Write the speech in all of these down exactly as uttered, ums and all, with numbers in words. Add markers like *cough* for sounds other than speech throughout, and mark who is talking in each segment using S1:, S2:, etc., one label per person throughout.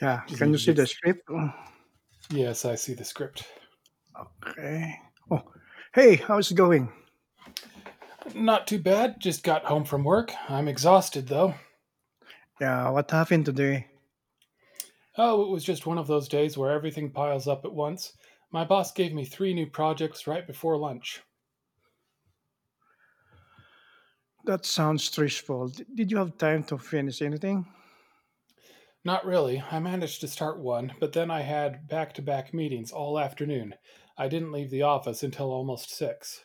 S1: Yeah,
S2: Just
S1: can
S2: need
S1: you
S2: to
S1: see
S2: get.
S1: the script? Oh,
S2: Yes, I see the script.
S1: okay. Oh, hey, how's it going?
S2: Not too bad. Just got home from work. I'm exhausted, though.
S1: Yeah, what happened today?
S2: Oh, it was just one of those days where everything piles up at once. My boss gave me three new projects right before lunch.
S1: That sounds stressful. D- Did you have time to finish anything?
S2: Not really. I managed to start one, but then I had back to back meetings all afternoon. I didn't leave the office until almost six.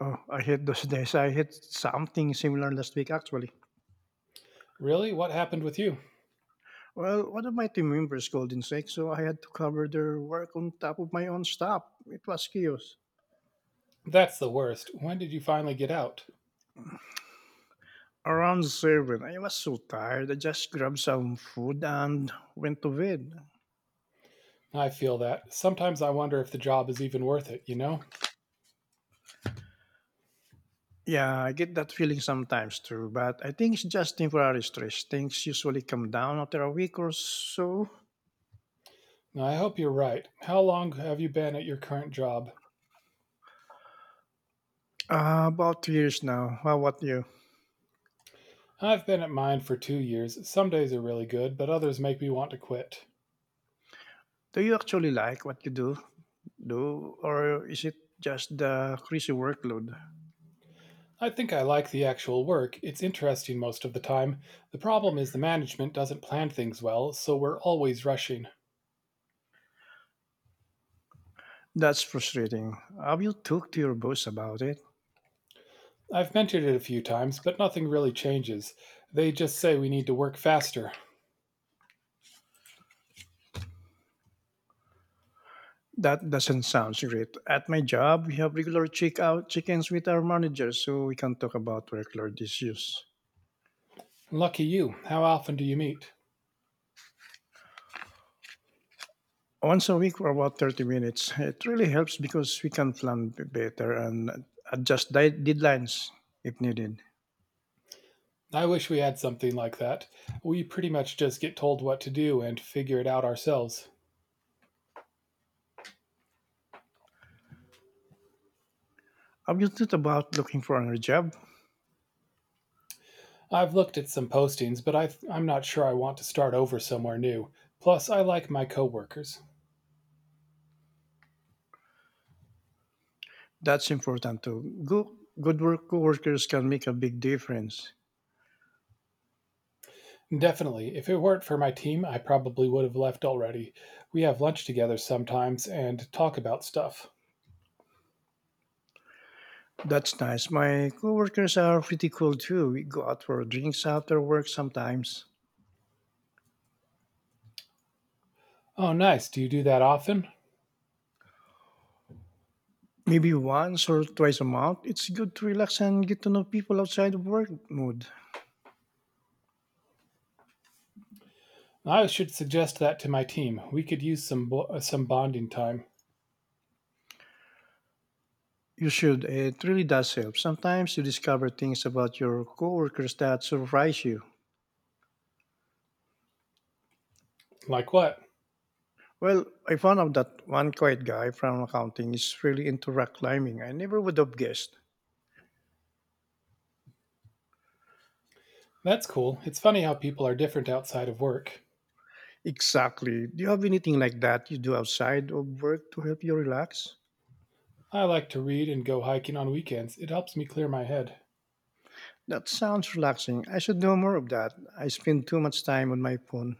S1: Oh, I hate those *laughs* days. I hit something similar last week, actually.
S2: Really? What happened with you?
S1: Well, one of my team members called in sick, so I had to cover their work on top of my own stuff. It was chaos.
S2: That's the worst. When did you finally get out?
S1: Around seven, I was so tired. I just grabbed some food and went to bed.
S2: I feel that. Sometimes I wonder if the job is even worth it, you know?
S1: Yeah, I get that feeling sometimes too, but I think it's just temporary stress. Things usually come down after a week or so.
S2: I hope you're right. How long have you been at your current job?
S1: Uh, about two years now. How about you?
S2: I've been at mine for two years. Some days are really good, but others make me want to quit.
S1: Do you actually like what you do, do, or is it just the crazy workload?
S2: I think I like the actual work. It's interesting most of the time. The problem is the management doesn't plan things well, so we're always rushing.
S1: That's frustrating. Have you talked to your boss about it?
S2: I've mentioned it a few times, but nothing really changes. They just say we need to work faster.
S1: That doesn't sound great. At my job, we have regular check out check-ins with our managers so we can talk about workload issues.
S2: Lucky you. How often do you meet?
S1: Once a week for about thirty minutes. It really helps because we can plan b- better and adjust di- deadlines if needed.
S2: I wish we had something like that. We pretty much just get told what to do and figure it out ourselves.
S1: Have you thought about looking for another job?
S2: I've looked at some postings, but I, I'm not sure I want to start over somewhere new. Plus, I like my coworkers.
S1: That's important too. Go- good work coworkers can make a big difference.
S2: Definitely, if it weren't for my team, I probably would have left already. We have lunch together sometimes and talk about stuff.
S1: That's nice. My coworkers are pretty cool too. We go out for drinks after work sometimes.
S2: Oh, nice. Do you do that often?
S1: Maybe once or twice a month. It's good to relax and get to know people outside of work mood.
S2: I should suggest that to my team. We could use some bo- uh, some bonding time.
S1: You should. It really does help. Sometimes you discover things about your coworkers that surprise you.
S2: Like what?
S1: Well, I found out that one quiet guy from accounting is really into rock climbing. I never would have guessed.
S2: That's cool. It's funny how people are different outside of work.
S1: Exactly. Do you have anything like that you do outside of work to help you relax?
S2: I like to read and go hiking on weekends. It helps me clear my head.
S1: That sounds relaxing. I should know more of that. I spend too much time on my phone.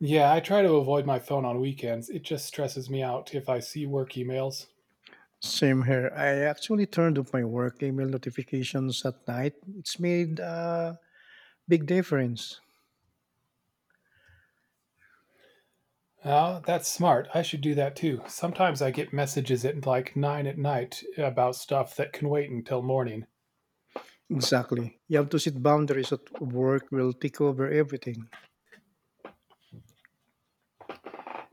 S2: Yeah, I try to avoid my phone on weekends. It just stresses me out if I see work emails.
S1: Same here. I actually turned off my work email notifications at night. It's made a big difference.
S2: Oh, that's smart. I should do that too. Sometimes I get messages at like nine at night about stuff that can wait until morning.
S1: Exactly. You have to set boundaries at work will take over everything.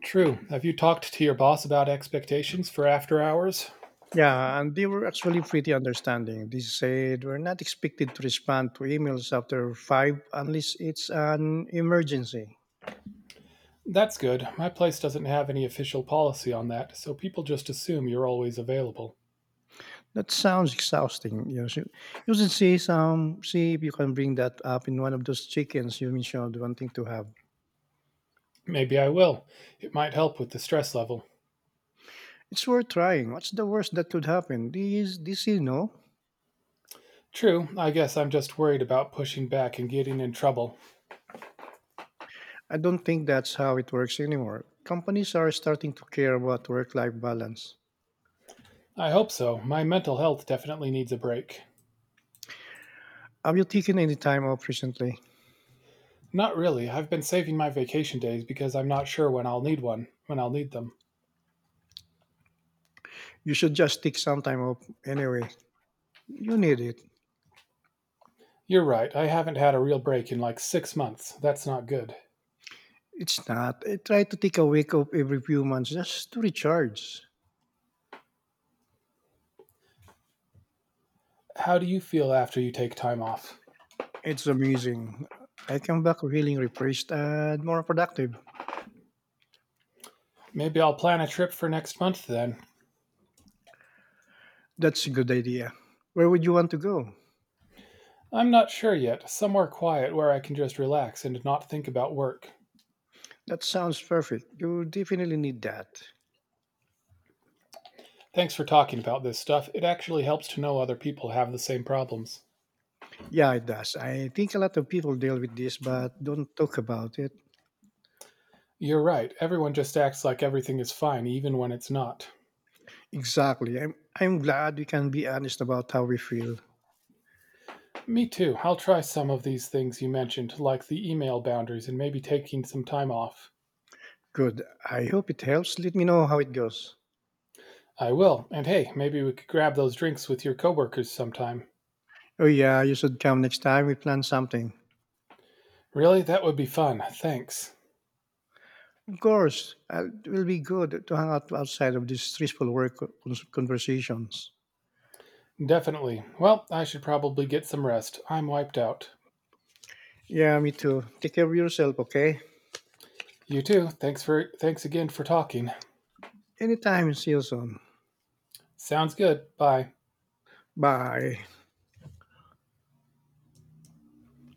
S2: True. Have you talked to your boss about expectations for after hours?
S1: Yeah, and they were actually pretty understanding. They said we're not expected to respond to emails after five unless it's an emergency.
S2: That's good. My place doesn't have any official policy on that, so people just assume you're always available.
S1: That sounds exhausting. You should, you should see some see if you can bring that up in one of those chickens you mentioned wanting to have.
S2: Maybe I will. It might help with the stress level.
S1: It's worth trying. What's the worst that could happen? This this you know.
S2: True. I guess I'm just worried about pushing back and getting in trouble.
S1: I don't think that's how it works anymore. Companies are starting to care about work life balance.
S2: I hope so. My mental health definitely needs a break.
S1: Have you taken any time off recently?
S2: Not really. I've been saving my vacation days because I'm not sure when I'll need one, when I'll need them.
S1: You should just take some time off anyway. You need it.
S2: You're right. I haven't had a real break in like six months. That's not good.
S1: It's not. I try to take a week off every few months just to recharge.
S2: How do you feel after you take time off?
S1: It's amazing. I come back feeling refreshed and more productive.
S2: Maybe I'll plan a trip for next month then.
S1: That's a good idea. Where would you want to go?
S2: I'm not sure yet. Somewhere quiet where I can just relax and not think about work.
S1: That sounds perfect. You definitely need that.
S2: Thanks for talking about this stuff. It actually helps to know other people have the same problems.
S1: Yeah, it does. I think a lot of people deal with this but don't talk about it.
S2: You're right. Everyone just acts like everything is fine, even when it's not.
S1: Exactly. I'm I'm glad we can be honest about how we feel.
S2: Me too. I'll try some of these things you mentioned, like the email boundaries and maybe taking some time off.
S1: Good. I hope it helps. Let me know how it goes.
S2: I will. And hey, maybe we could grab those drinks with your coworkers sometime.
S1: Oh, yeah, you should come next time we plan something.
S2: Really? That would be fun. Thanks.
S1: Of course, uh, it will be good to hang out outside of these stressful work con- conversations.
S2: Definitely. Well, I should probably get some rest. I'm wiped out.
S1: Yeah, me too. Take care of yourself, okay?
S2: You too. Thanks for thanks again for talking.
S1: Anytime, see you soon.
S2: Sounds good. Bye.
S1: Bye.